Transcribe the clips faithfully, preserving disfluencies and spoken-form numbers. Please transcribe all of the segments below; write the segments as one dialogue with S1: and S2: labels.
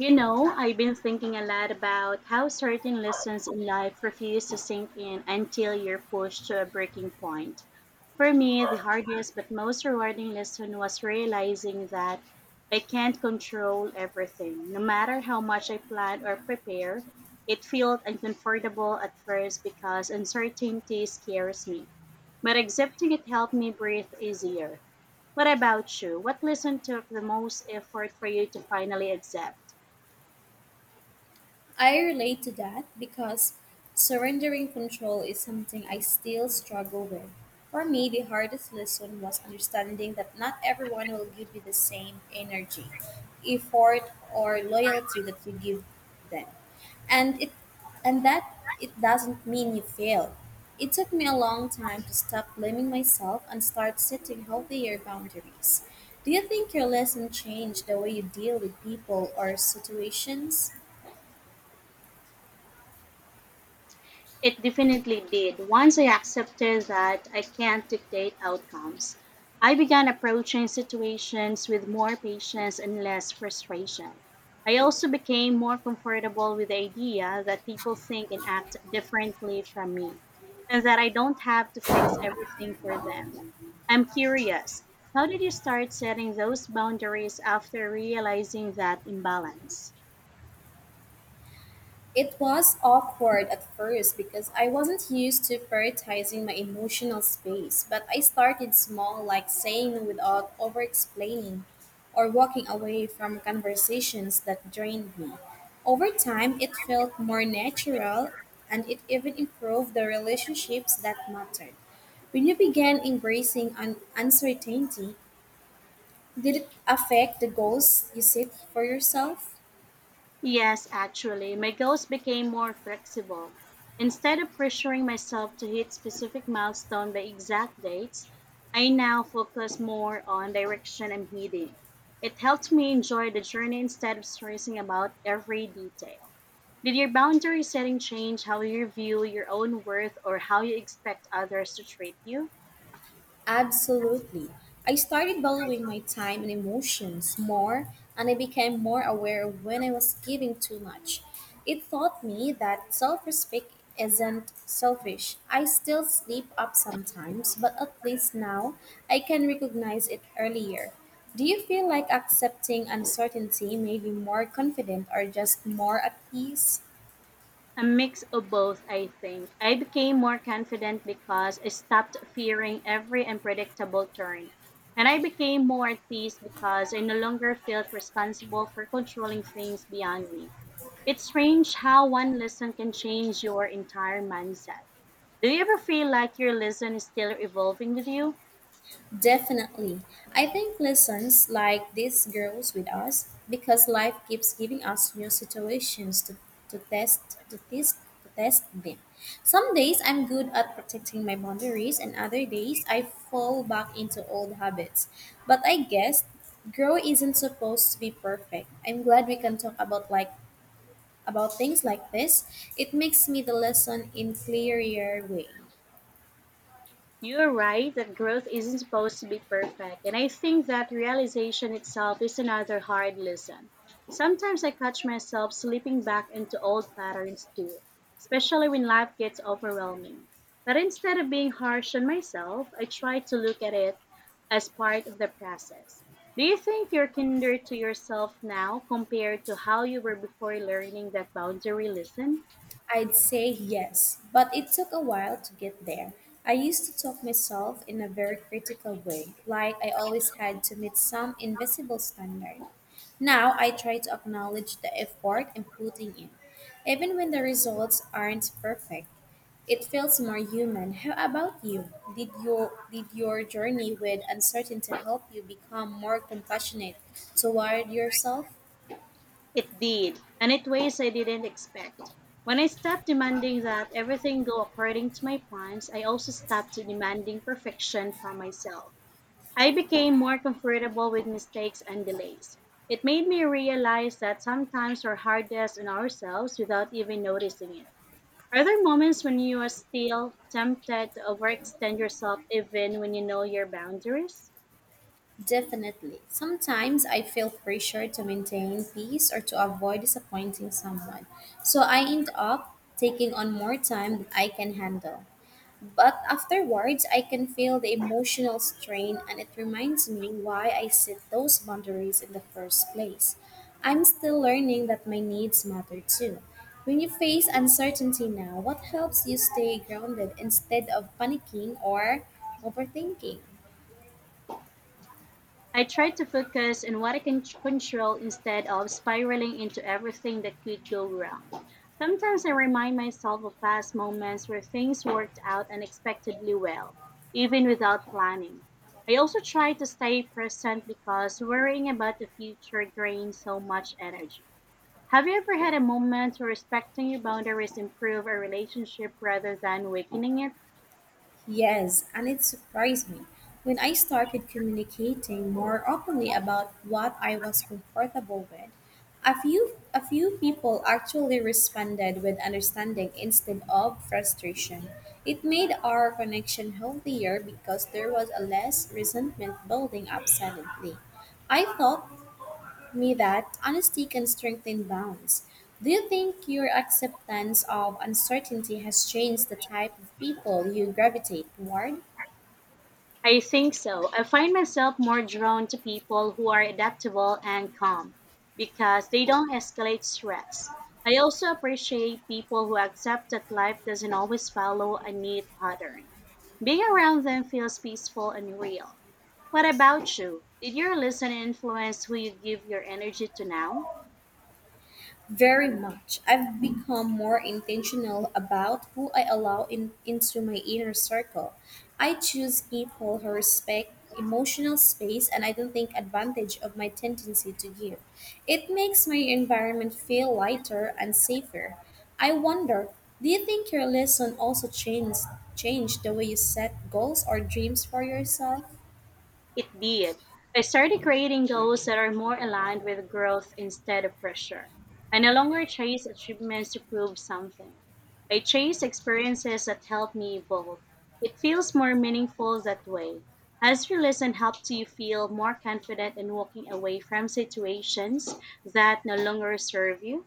S1: You know, I've been thinking a lot about how certain lessons in life refuse to sink in until you're pushed to a breaking point. For me, the hardest but most rewarding lesson was realizing that I can't control everything. No matter how much I plan or prepare, it felt uncomfortable at first because uncertainty scares me. But accepting it helped me breathe easier. What about you? What lesson took the most effort for you to finally accept?
S2: I relate to that because surrendering control is something I still struggle with. For me, the hardest lesson was understanding that not everyone will give you the same energy, effort, or loyalty that you give them. And it and that it doesn't mean you failed. It took me a long time to stop blaming myself and start setting healthier boundaries. Do you think your lesson changed the way you deal with people or situations?
S1: It definitely did. Once I accepted that I can't dictate outcomes, I began approaching situations with more patience and less frustration. I also became more comfortable with the idea that people think and act differently from me, and that I don't have to fix everything for them. I'm curious, how did you start setting those boundaries after realizing that imbalance?
S2: It was awkward at first because I wasn't used to prioritizing my emotional space, but I started small, like saying no without over explaining or walking away from conversations that drained me. Over time, it felt more natural and it even improved the relationships that mattered. When you began embracing un- uncertainty, did it affect the goals you set for yourself?
S1: Yes, actually, my goals became more flexible. Instead of pressuring myself to hit specific milestones by exact dates, I now focus more on direction I'm heading. It helped me enjoy the journey instead of stressing about every detail. Did your boundary setting change how you view your own worth or how you expect others to treat you?
S2: Absolutely. I started valuing my time and emotions more, and I became more aware of when I was giving too much. It taught me that self respect isn't selfish. I still sleep up sometimes, but at least now I can recognize it earlier. Do you feel like accepting uncertainty made you more confident or just more at peace?
S1: A mix of both, I think. I became more confident because I stopped fearing every unpredictable turn. And I became more at peace because I no longer felt responsible for controlling things beyond me. It's strange how one lesson can change your entire mindset. Do you ever feel like your lesson is still evolving with you?
S2: Definitely. I think lessons like this grows with us because life keeps giving us new situations to, to test to test to test them. Some days I'm good at protecting my boundaries and other days I fall back into old habits. But I guess grow isn't supposed to be perfect. I'm glad we can talk about like about things like this. It makes me the lesson in clearer way.
S1: You're right that growth isn't supposed to be perfect, and I think that realization itself is another hard lesson. Sometimes I catch myself slipping back into old patterns too, especially when life gets overwhelming. But instead of being harsh on myself, I try to look at it as part of the process. Do you think you're kinder to yourself now compared to how you were before learning that boundary lesson?
S2: I'd say yes, but it took a while to get there. I used to talk myself in a very critical way, like I always had to meet some invisible standard. Now I try to acknowledge the effort I'm putting in, even when the results aren't perfect. It feels more human. How about you? Did your did your journey with uncertainty help you become more compassionate toward yourself?
S1: It did, and it ways I didn't expect. When I stopped demanding that everything go according to my plans, I also stopped demanding perfection from myself. I became more comfortable with mistakes and delays. It made me realize that sometimes we're hardest on ourselves without even noticing it. Are there moments when you are still tempted to overextend yourself even when you know your boundaries?
S2: Definitely. Sometimes I feel pressure to maintain peace or to avoid disappointing someone. So I end up taking on more time than I can handle. But afterwards, I can feel the emotional strain and it reminds me why I set those boundaries in the first place. I'm still learning that my needs matter too. When you face uncertainty now, what helps you stay grounded instead of panicking or overthinking?
S1: I try to focus on what I can control instead of spiraling into everything that could go wrong. Sometimes I remind myself of past moments where things worked out unexpectedly well, even without planning. I also try to stay present because worrying about the future drains so much energy. Have you ever had a moment where respecting your boundaries improved a relationship rather than weakening it?
S2: Yes, and it surprised me. When I started communicating more openly about what I was comfortable with, a few a few people actually responded with understanding instead of frustration. It made our connection healthier because there was a less resentment building up silently. I thought me that honesty can strengthen bonds. Do you think your acceptance of uncertainty has changed the type of people you gravitate toward?
S1: I think so. I find myself more drawn to people who are adaptable and calm because they don't escalate stress. I also appreciate people who accept that life doesn't always follow a neat pattern. Being around them feels peaceful and real. What about you? Did your lesson influence who you give your energy to now?
S2: Very much. I've become more intentional about who I allow in, into my inner circle. I choose people who respect emotional space and I don't take advantage of my tendency to give. It makes my environment feel lighter and safer. I wonder, do you think your lesson also changed changed the way you set goals or dreams for yourself?
S1: It did. I started creating goals that are more aligned with growth instead of pressure. I no longer chase achievements to prove something. I chase experiences that help me evolve. It feels more meaningful that way. Has your lesson helped you feel more confident in walking away from situations that no longer serve you?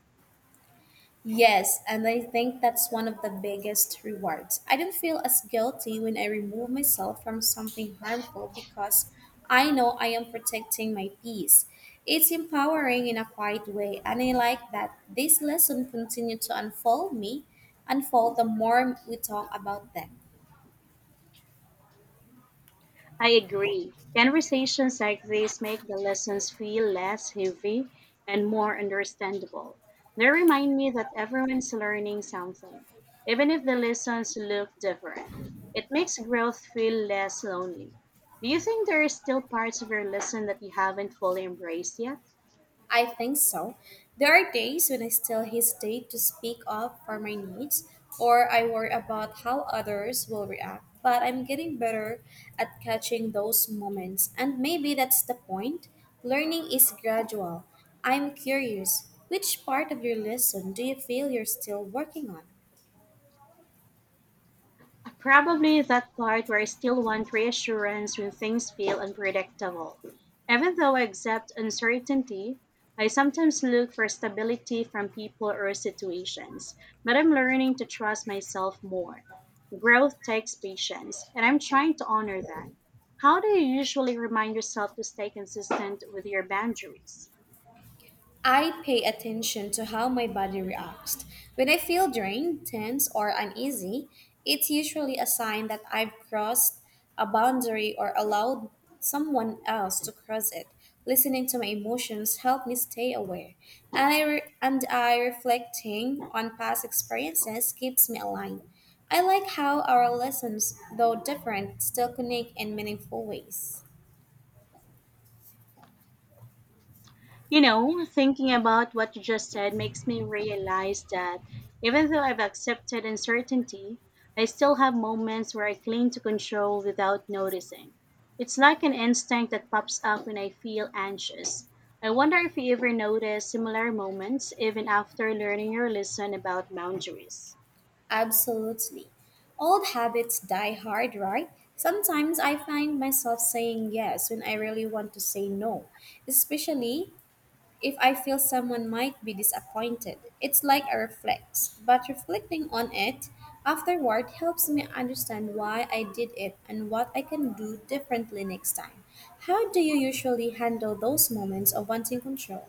S2: Yes, and I think that's one of the biggest rewards. I don't feel as guilty when I remove myself from something harmful because I know I am protecting my peace. It's empowering in a quiet way, and I like that this lesson continued to unfold me, unfold the more we talk about them.
S1: I agree. Conversations like this make the lessons feel less heavy and more understandable. They remind me that everyone's learning something, even if the lessons look different. It makes growth feel less lonely. Do you think there are still parts of your lesson that you haven't fully embraced yet?
S2: I think so. There are days when I still hesitate to speak up for my needs or I worry about how others will react. But I'm getting better at catching those moments, and maybe that's the point. Learning is gradual. I'm curious, which part of your lesson do you feel you're still working on?
S1: Probably that part where I still want reassurance when things feel unpredictable. Even though I accept uncertainty, I sometimes look for stability from people or situations, but I'm learning to trust myself more. Growth takes patience, and I'm trying to honor that. How do you usually remind yourself to stay consistent with your boundaries?
S2: I pay attention to how my body reacts. When I feel drained, tense, or uneasy, it's usually a sign that I've crossed a boundary or allowed someone else to cross it. Listening to my emotions help me stay aware, and I re- and I reflecting on past experiences keeps me aligned. I like how our lessons, though different, still connect in meaningful ways.
S1: You know, thinking about what you just said makes me realize that even though I've accepted uncertainty, I still have moments where I cling to control without noticing. It's like an instinct that pops up when I feel anxious. I wonder if you ever notice similar moments even after learning your lesson about boundaries.
S2: Absolutely. Old habits die hard, right? Sometimes I find myself saying yes when I really want to say no, especially if I feel someone might be disappointed. It's like a reflex, but reflecting on it afterward helps me understand why I did it and what I can do differently next time. How do you usually handle those moments of wanting control?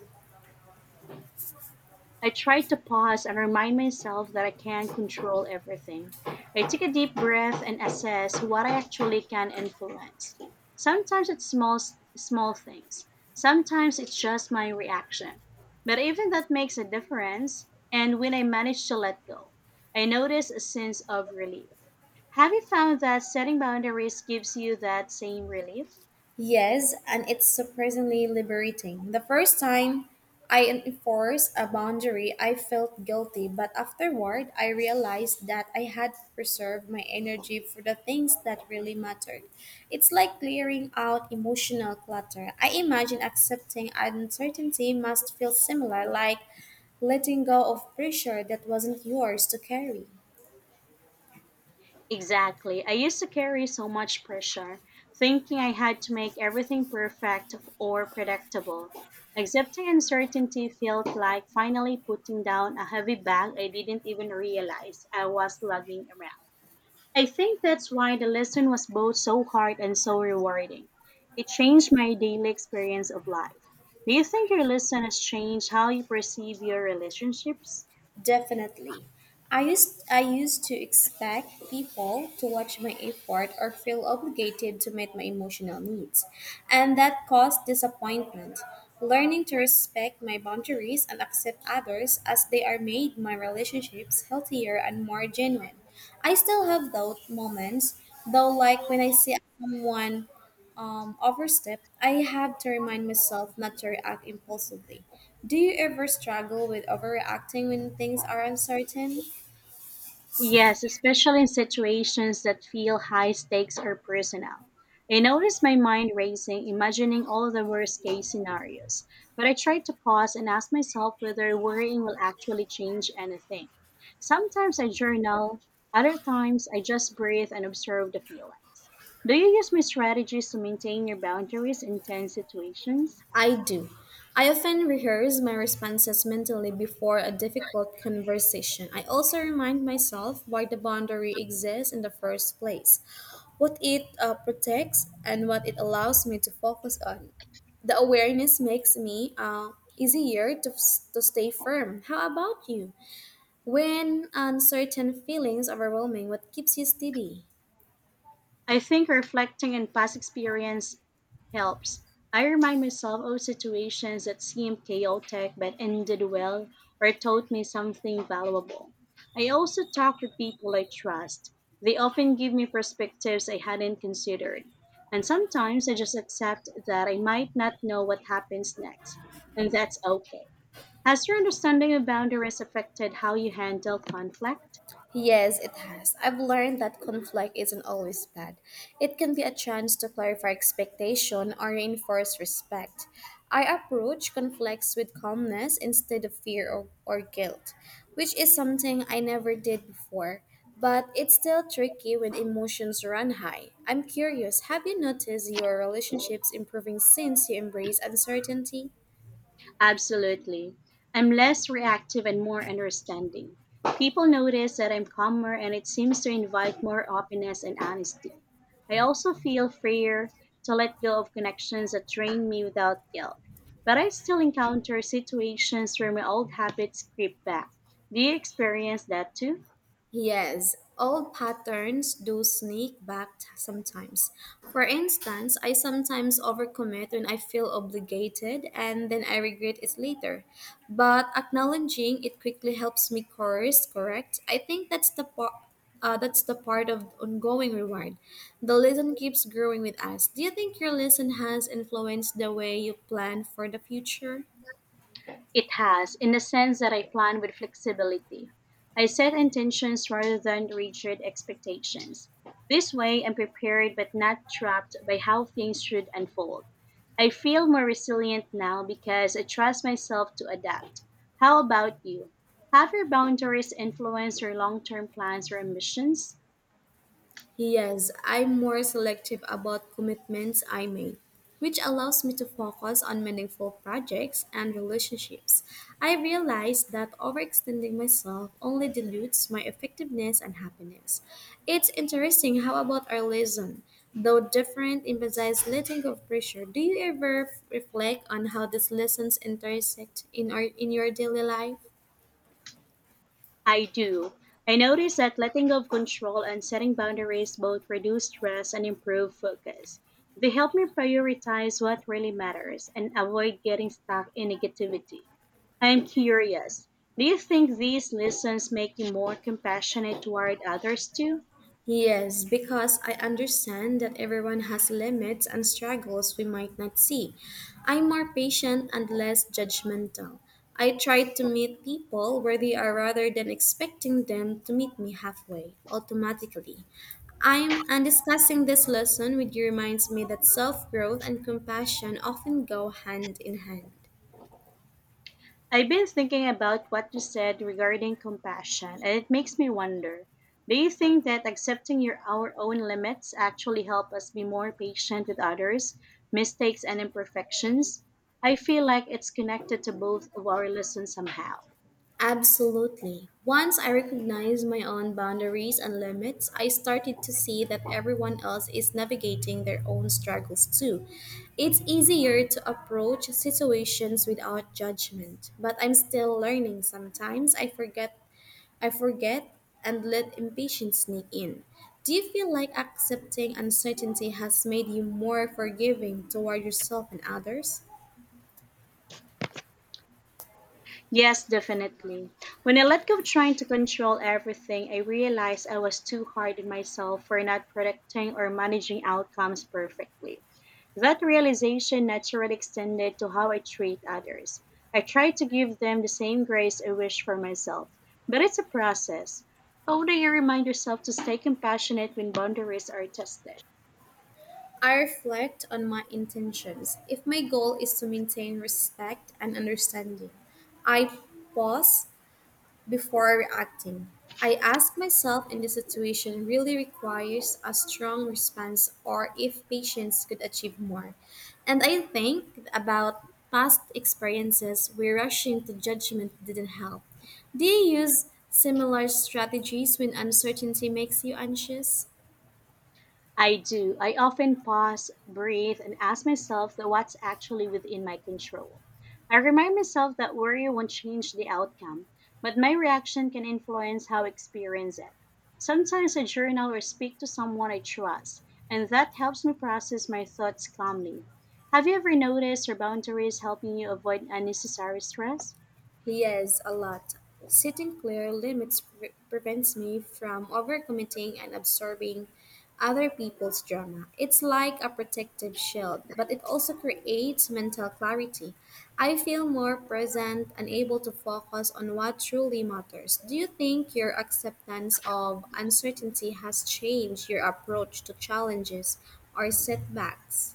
S1: I try to pause and remind myself that I can't control everything. I take a deep breath and assess what I actually can influence. Sometimes it's small small things. Sometimes it's just my reaction. But even that makes a difference, and when I manage to let go, I notice a sense of relief. Have you found that setting boundaries gives you that same relief?
S2: Yes, and it's surprisingly liberating. The first time I enforced a boundary, I felt guilty, but afterward, I realized that I had preserved my energy for the things that really mattered. It's like clearing out emotional clutter. I imagine accepting uncertainty must feel similar, like letting go of pressure that wasn't yours to carry.
S1: Exactly. I used to carry so much pressure, thinking I had to make everything perfect or predictable. Accepting uncertainty felt like finally putting down a heavy bag I didn't even realize I was lugging around. I think that's why the lesson was both so hard and so rewarding. It changed my daily experience of life. Do you think your lesson has changed how you perceive your relationships?
S2: Definitely. I used I used to expect people to watch my effort or feel obligated to meet my emotional needs, and that caused disappointment. Learning to respect my boundaries and accept others as they are made my relationships healthier and more genuine. I still have those moments, though like when I see someone um, overstep, I have to remind myself not to react impulsively. Do you ever struggle with overreacting when things are uncertain?
S1: Yes, especially in situations that feel high stakes or personal. I notice my mind racing, imagining all the worst case scenarios, but I try to pause and ask myself whether worrying will actually change anything. Sometimes I journal, other times I just breathe and observe the feelings. Do you use my strategies to maintain your boundaries in tense situations?
S2: I do. I often rehearse my responses mentally before a difficult conversation. I also remind myself why the boundary exists in the first place, what it uh, protects, and what it allows me to focus on. The awareness makes me uh, easier to, to stay firm. How about you? When uncertain feelings overwhelming, what keeps you steady?
S1: I think reflecting on past experience helps. I remind myself of situations that seemed chaotic but ended well or taught me something valuable. I also talk with people I trust. They often give me perspectives I hadn't considered. And sometimes I just accept that I might not know what happens next. And that's okay. Has your understanding of boundaries affected how you handle conflict?
S2: Yes, it has. I've learned that conflict isn't always bad. It can be a chance to clarify expectation or reinforce respect. I approach conflicts with calmness instead of fear or, or guilt, which is something I never did before. But it's still tricky when emotions run high. I'm curious, have you noticed your relationships improving since you embrace uncertainty?
S1: Absolutely. I'm less reactive and more understanding. People notice that I'm calmer and it seems to invite more openness and honesty. I also feel freer to let go of connections that drain me without guilt. But I still encounter situations where my old habits creep back. Do you experience that too?
S2: Yes, old patterns do sneak back t- sometimes. For instance, I sometimes overcommit when I feel obligated and then I regret it later. But acknowledging it quickly helps me course correct. I think that's the part. Uh, that's the part of ongoing reward. The lesson keeps growing with us. Do you think your lesson has influenced the way you plan for the future?
S1: It has, in the sense that I plan with flexibility. I set intentions rather than rigid expectations. This way, I'm prepared but not trapped by how things should unfold. I feel more resilient now because I trust myself to adapt. How about you? Have your boundaries influenced your long term plans or ambitions?
S2: Yes, I'm more selective about commitments I make, which allows me to focus on meaningful projects and relationships. I realize that overextending myself only dilutes my effectiveness and happiness. It's interesting how about our lesson, though different, emphasize letting go of pressure. Do you ever reflect on how these lessons intersect in our in your daily life?
S1: I do. I notice that letting go of control and setting boundaries both reduce stress and improve focus. They help me prioritize what really matters and avoid getting stuck in negativity. I am curious. Do you think these lessons make you more compassionate toward others too?
S2: Yes, because I understand that everyone has limits and struggles we might not see. I'm more patient and less judgmental. I try to meet people where they are rather than expecting them to meet me halfway automatically. I'm and discussing this lesson with you reminds me that self-growth and compassion often go hand in hand.
S1: I've been thinking about what you said regarding compassion, and it makes me wonder, do you think that accepting your, our own limits actually help us be more patient with others, mistakes, and imperfections? I feel like it's connected to both of our lessons somehow.
S2: Absolutely. Once I recognized my own boundaries and limits, I started to see that everyone else is navigating their own struggles too. It's easier to approach situations without judgment, but I'm still learning. Sometimes I forget I forget and let impatience sneak in. Do you feel like accepting uncertainty has made you more forgiving toward yourself and others?
S1: Yes, definitely. When I let go of trying to control everything, I realized I was too hard on myself for not predicting or managing outcomes perfectly. That realization naturally extended to how I treat others. I try to give them the same grace I wish for myself, but it's a process. How do you remind yourself to stay compassionate when boundaries are tested?
S2: I reflect on my intentions. If my goal is to maintain respect and understanding, I pause before reacting. I ask myself if the situation really requires a strong response or if patience could achieve more. And I think about past experiences where rushing to judgment didn't help. Do you use similar strategies when uncertainty makes you anxious?
S1: I do. I often pause, breathe, and ask myself that what's actually within my control. I remind myself that worry won't change the outcome, but my reaction can influence how I experience it. Sometimes I journal or speak to someone I trust, and that helps me process my thoughts calmly. Have you ever noticed your boundaries helping you avoid unnecessary stress?
S2: Yes, a lot. Setting clear limits pre- prevents me from overcommitting and absorbing other people's drama. It's like a protective shield, but it also creates mental clarity. I feel more present and able to focus on what truly matters. Do you think your acceptance of uncertainty has changed your approach to challenges or setbacks?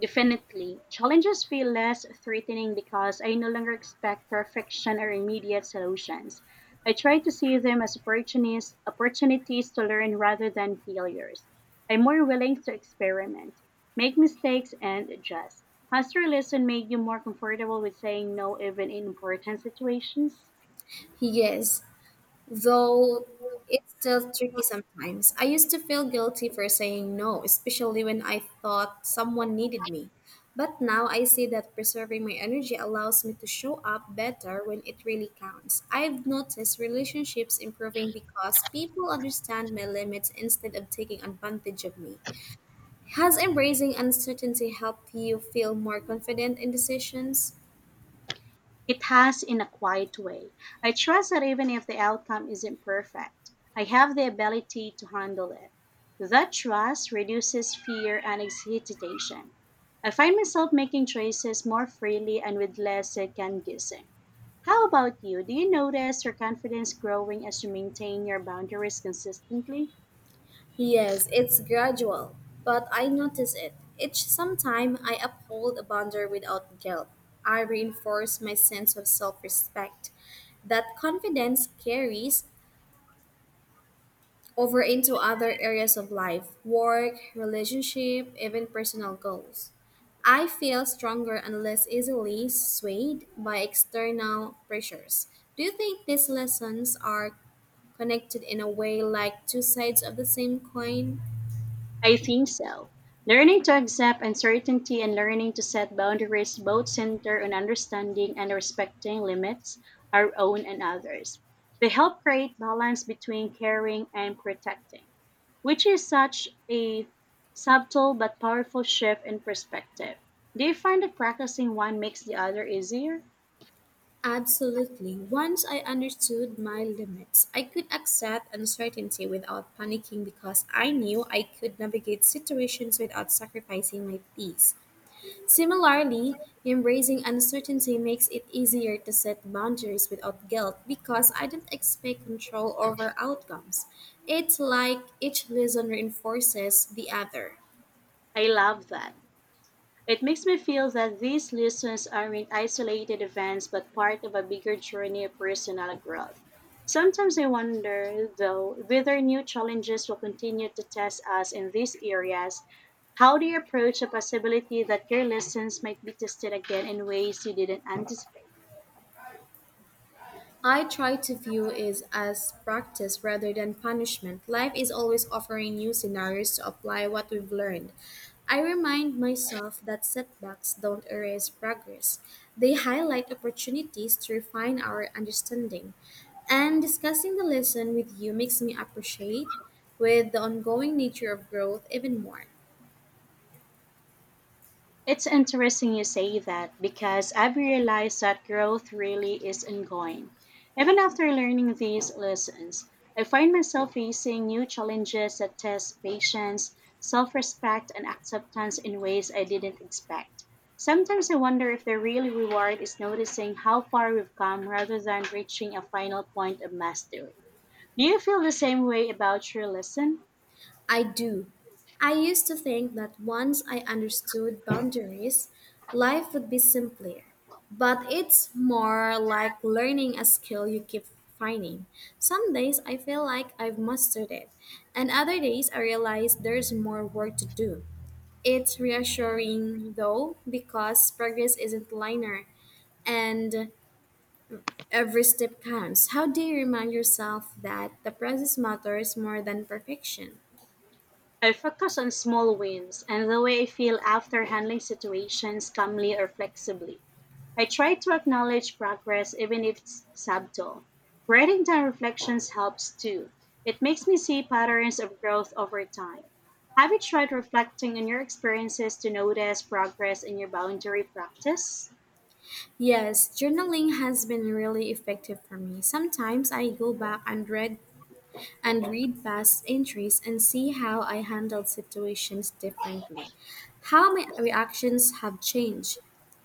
S1: Definitely. Challenges feel less threatening because I no longer expect perfection or immediate solutions. I try to see them as opportunities, opportunities to learn rather than failures. I'm more willing to experiment, make mistakes, and adjust. Has your lesson made you more comfortable with saying no even in important situations?
S2: Yes, though it's still tricky sometimes. I used to feel guilty for saying no, especially when I thought someone needed me. But now I see that preserving my energy allows me to show up better when it really counts. I've noticed relationships improving because people understand my limits instead of taking advantage of me. Has embracing uncertainty helped you feel more confident in decisions?
S1: It has in a quiet way. I trust that even if the outcome isn't perfect, I have the ability to handle it. That trust reduces fear and hesitation. I find myself making choices more freely and with less second guessing. How about you? Do you notice your confidence growing as you maintain your boundaries consistently?
S2: Yes, it's gradual, but I notice it. Each sometime I uphold a boundary without guilt. I reinforce my sense of self-respect. That confidence carries over into other areas of life, work, relationship, even personal goals. I feel stronger and less easily swayed by external pressures. Do you think these lessons are connected in a way like two sides of the same coin?
S1: I think so. Learning to accept uncertainty and learning to set boundaries both center on understanding and respecting limits, our own and others. They help create balance between caring and protecting, which is such a subtle but powerful shift in perspective. Do you find that practicing one makes the other easier?
S2: Absolutely. Once I understood my limits, I could accept uncertainty without panicking because I knew I could navigate situations without sacrificing my peace. Similarly, embracing uncertainty makes it easier to set boundaries without guilt because I don't expect control over outcomes. It's like each lesson reinforces the other.
S1: I love that. It makes me feel that these lessons aren't isolated events but part of a bigger journey of personal growth. Sometimes I wonder, though, whether new challenges will continue to test us in these areas. How do you approach the possibility that your lessons might be tested again in ways you didn't anticipate?
S2: I try to view it as practice rather than punishment. Life is always offering new scenarios to apply what we've learned. I remind myself that setbacks don't erase progress, they highlight opportunities to refine our understanding. And discussing the lesson with you makes me appreciate with the ongoing nature of growth even more.
S1: It's interesting you say that because I've realized that growth really is ongoing. Even after learning these lessons, I find myself facing new challenges that test patience, self respect, and acceptance in ways I didn't expect. Sometimes I wonder if the real reward is noticing how far we've come rather than reaching a final point of mastery. Do you feel the same way about your lesson?
S2: I do. I used to think that once I understood boundaries, life would be simpler. But it's more like learning a skill you keep finding. Some days I feel like I've mastered it, and other days I realize there's more work to do. It's reassuring though, because progress isn't linear and every step counts. How do you remind yourself that the process matters more than perfection?
S1: I focus on small wins and the way I feel after handling situations calmly or flexibly. I try to acknowledge progress even if it's subtle. Writing down reflections helps too. It makes me see patterns of growth over time. Have you tried reflecting on your experiences to notice progress in your boundary practice?
S2: Yes, journaling has been really effective for me. Sometimes I go back and read and read past entries and see how I handled situations differently, how my reactions have changed.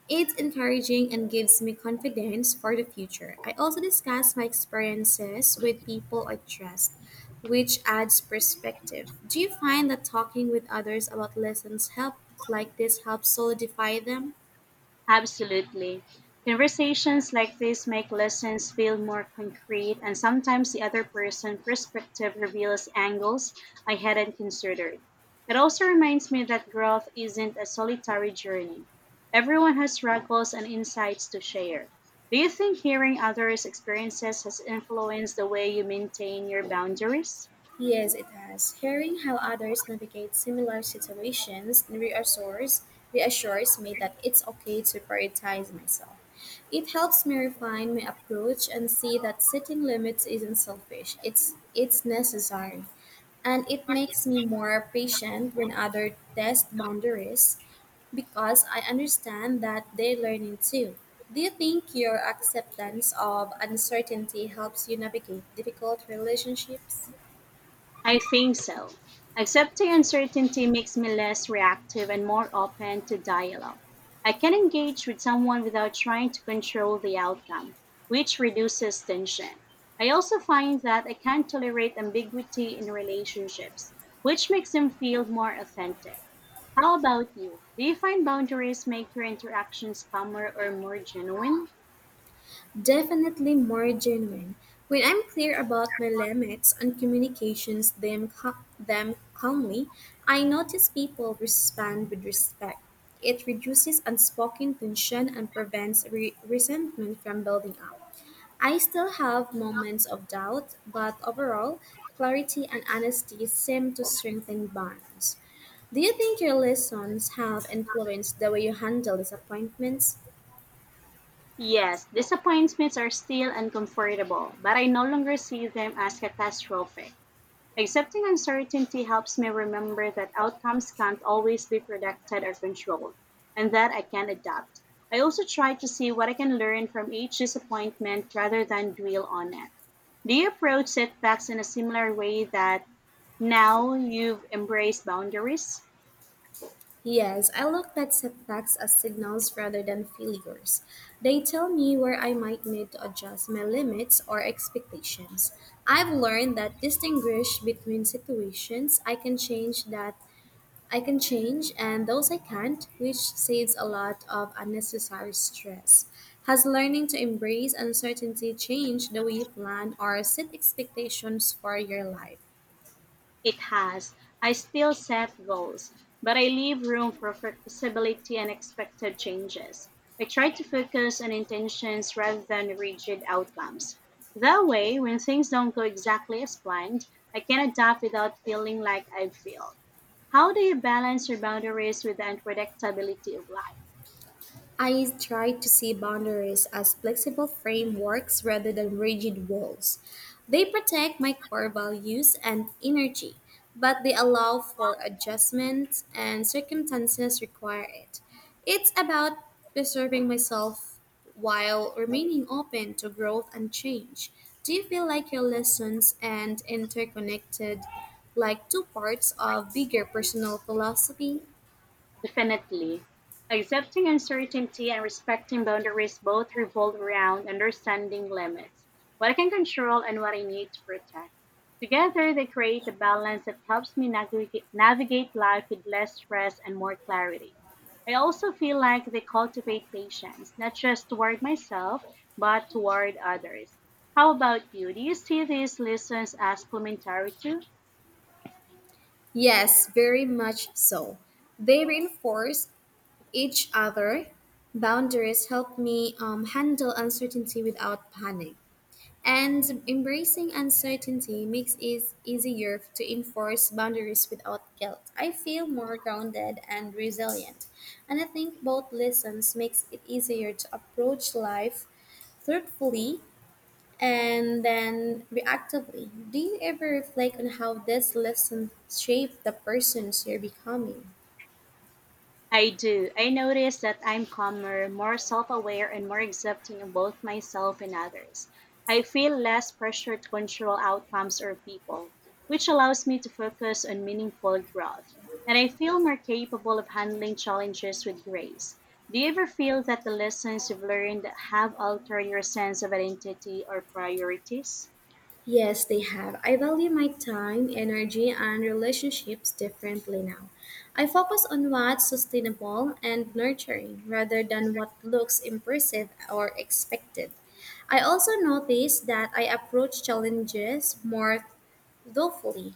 S2: It's encouraging and gives me confidence for the future. I also discuss my experiences with people I trust, which adds perspective. Do you find that talking with others about lessons help like this helps solidify them?
S1: Absolutely. Conversations like this make lessons feel more concrete, and sometimes the other person's perspective reveals angles I hadn't considered. It also reminds me that growth isn't a solitary journey. Everyone has struggles and insights to share. Do you think hearing others' experiences has influenced the way you maintain your boundaries?
S2: Yes, it has. Hearing how others navigate similar situations reassures, reassures me that it's okay to prioritize myself. It helps me refine my approach and see that setting limits isn't selfish. It's it's necessary. And it makes me more patient when others test boundaries because I understand that they're learning too. Do you think your acceptance of uncertainty helps you navigate difficult relationships?
S1: I think so. Accepting uncertainty makes me less reactive and more open to dialogue. I can engage with someone without trying to control the outcome, which reduces tension. I also find that I can tolerate ambiguity in relationships, which makes them feel more authentic. How about you? Do you find boundaries make your interactions calmer or more genuine?
S2: Definitely more genuine. When I'm clear about my limits on communications, them, ca- them calmly, I notice people respond with respect. It reduces unspoken tension and prevents re- resentment from building up. I still have moments of doubt, but overall, clarity and honesty seem to strengthen bonds. Do you think your lessons have influenced the way you handle disappointments?
S1: Yes, disappointments are still uncomfortable, but I no longer see them as catastrophic. Accepting uncertainty helps me remember that outcomes can't always be predicted or controlled, and that I can adapt. I also try to see what I can learn from each disappointment rather than dwell on it. Do you approach setbacks in a similar way that now you've embraced boundaries?
S2: Yes, I look at setbacks as signals rather than failures. They tell me where I might need to adjust my limits or expectations. I've learned that distinguish between situations I can change that I can change and those I can't, which saves a lot of unnecessary stress. Has learning to embrace uncertainty changed the way you plan or set expectations for your life?
S1: It has. I still set goals, but I leave room for flexibility and expected changes. I try to focus on intentions rather than rigid outcomes. That way, when things don't go exactly as planned, I can adapt without feeling like I failed. How do you balance your boundaries with the unpredictability of life?
S2: I try to see boundaries as flexible frameworks rather than rigid walls. They protect my core values and energy, but they allow for adjustments and circumstances require it. It's about preserving myself while remaining open to growth and change. Do you feel like your lessons and interconnected like two parts of bigger personal philosophy?
S1: Definitely. Accepting uncertainty and respecting boundaries both revolve around understanding limits, what I can control and what I need to protect. Together, they create a balance that helps me navigate, navigate life with less stress and more clarity. I also feel like they cultivate patience, not just toward myself, but toward others. How about you? Do you see these lessons as complementary too?
S2: Yes, very much so. They reinforce each other. Boundaries help me um, handle uncertainty without panic. And embracing uncertainty makes it easier to enforce boundaries without guilt. I feel more grounded and resilient. And I think both lessons makes it easier to approach life truthfully and then reactively. Do you ever reflect on how these lessons shape the persons you're becoming?
S1: I do. I notice that I'm calmer, more self aware, and more accepting of both myself and others. I feel less pressure to control outcomes or people, which allows me to focus on meaningful growth. And I feel more capable of handling challenges with grace. Do you ever feel that the lessons you've learned have altered your sense of identity or priorities?
S2: Yes, they have. I value my time, energy, and relationships differently now. I focus on what's sustainable and nurturing rather than what looks impressive or expected. I also notice that I approach challenges more thoughtfully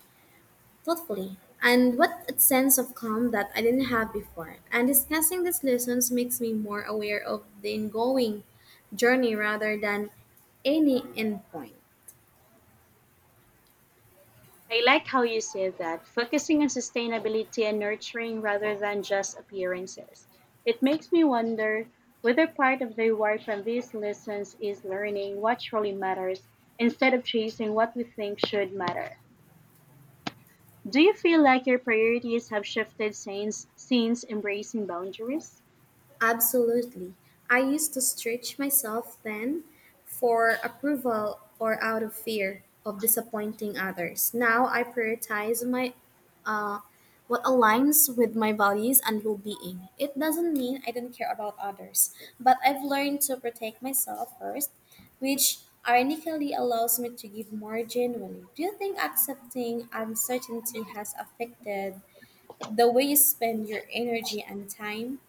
S2: thoughtfully, and what a sense of calm that I didn't have before. And discussing these lessons makes me more aware of the ongoing journey rather than any endpoint.
S1: I like how you said that, focusing on sustainability and nurturing rather than just appearances. It makes me wonder whether part of the reward from these lessons is learning what truly matters instead of chasing what we think should matter. Do you feel like your priorities have shifted since, since embracing boundaries?
S2: Absolutely. I used to stretch myself then for approval or out of fear of disappointing others. Now I prioritize my uh, what aligns with my values and well-being. It doesn't mean I don't care about others, but I've learned to protect myself first, which ironically allows me to give more genuinely. Do you think accepting uncertainty has affected the way you spend your energy and time?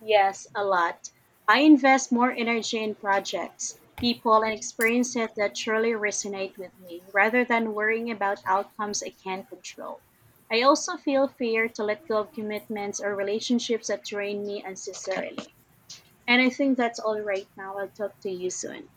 S1: Yes, a lot. I invest more energy in projects, people, and experiences that truly resonate with me rather than worrying about outcomes I can't control. I also feel fear to let go of commitments or relationships that drain me unnecessarily. And I think that's all right now. I'll talk to you soon.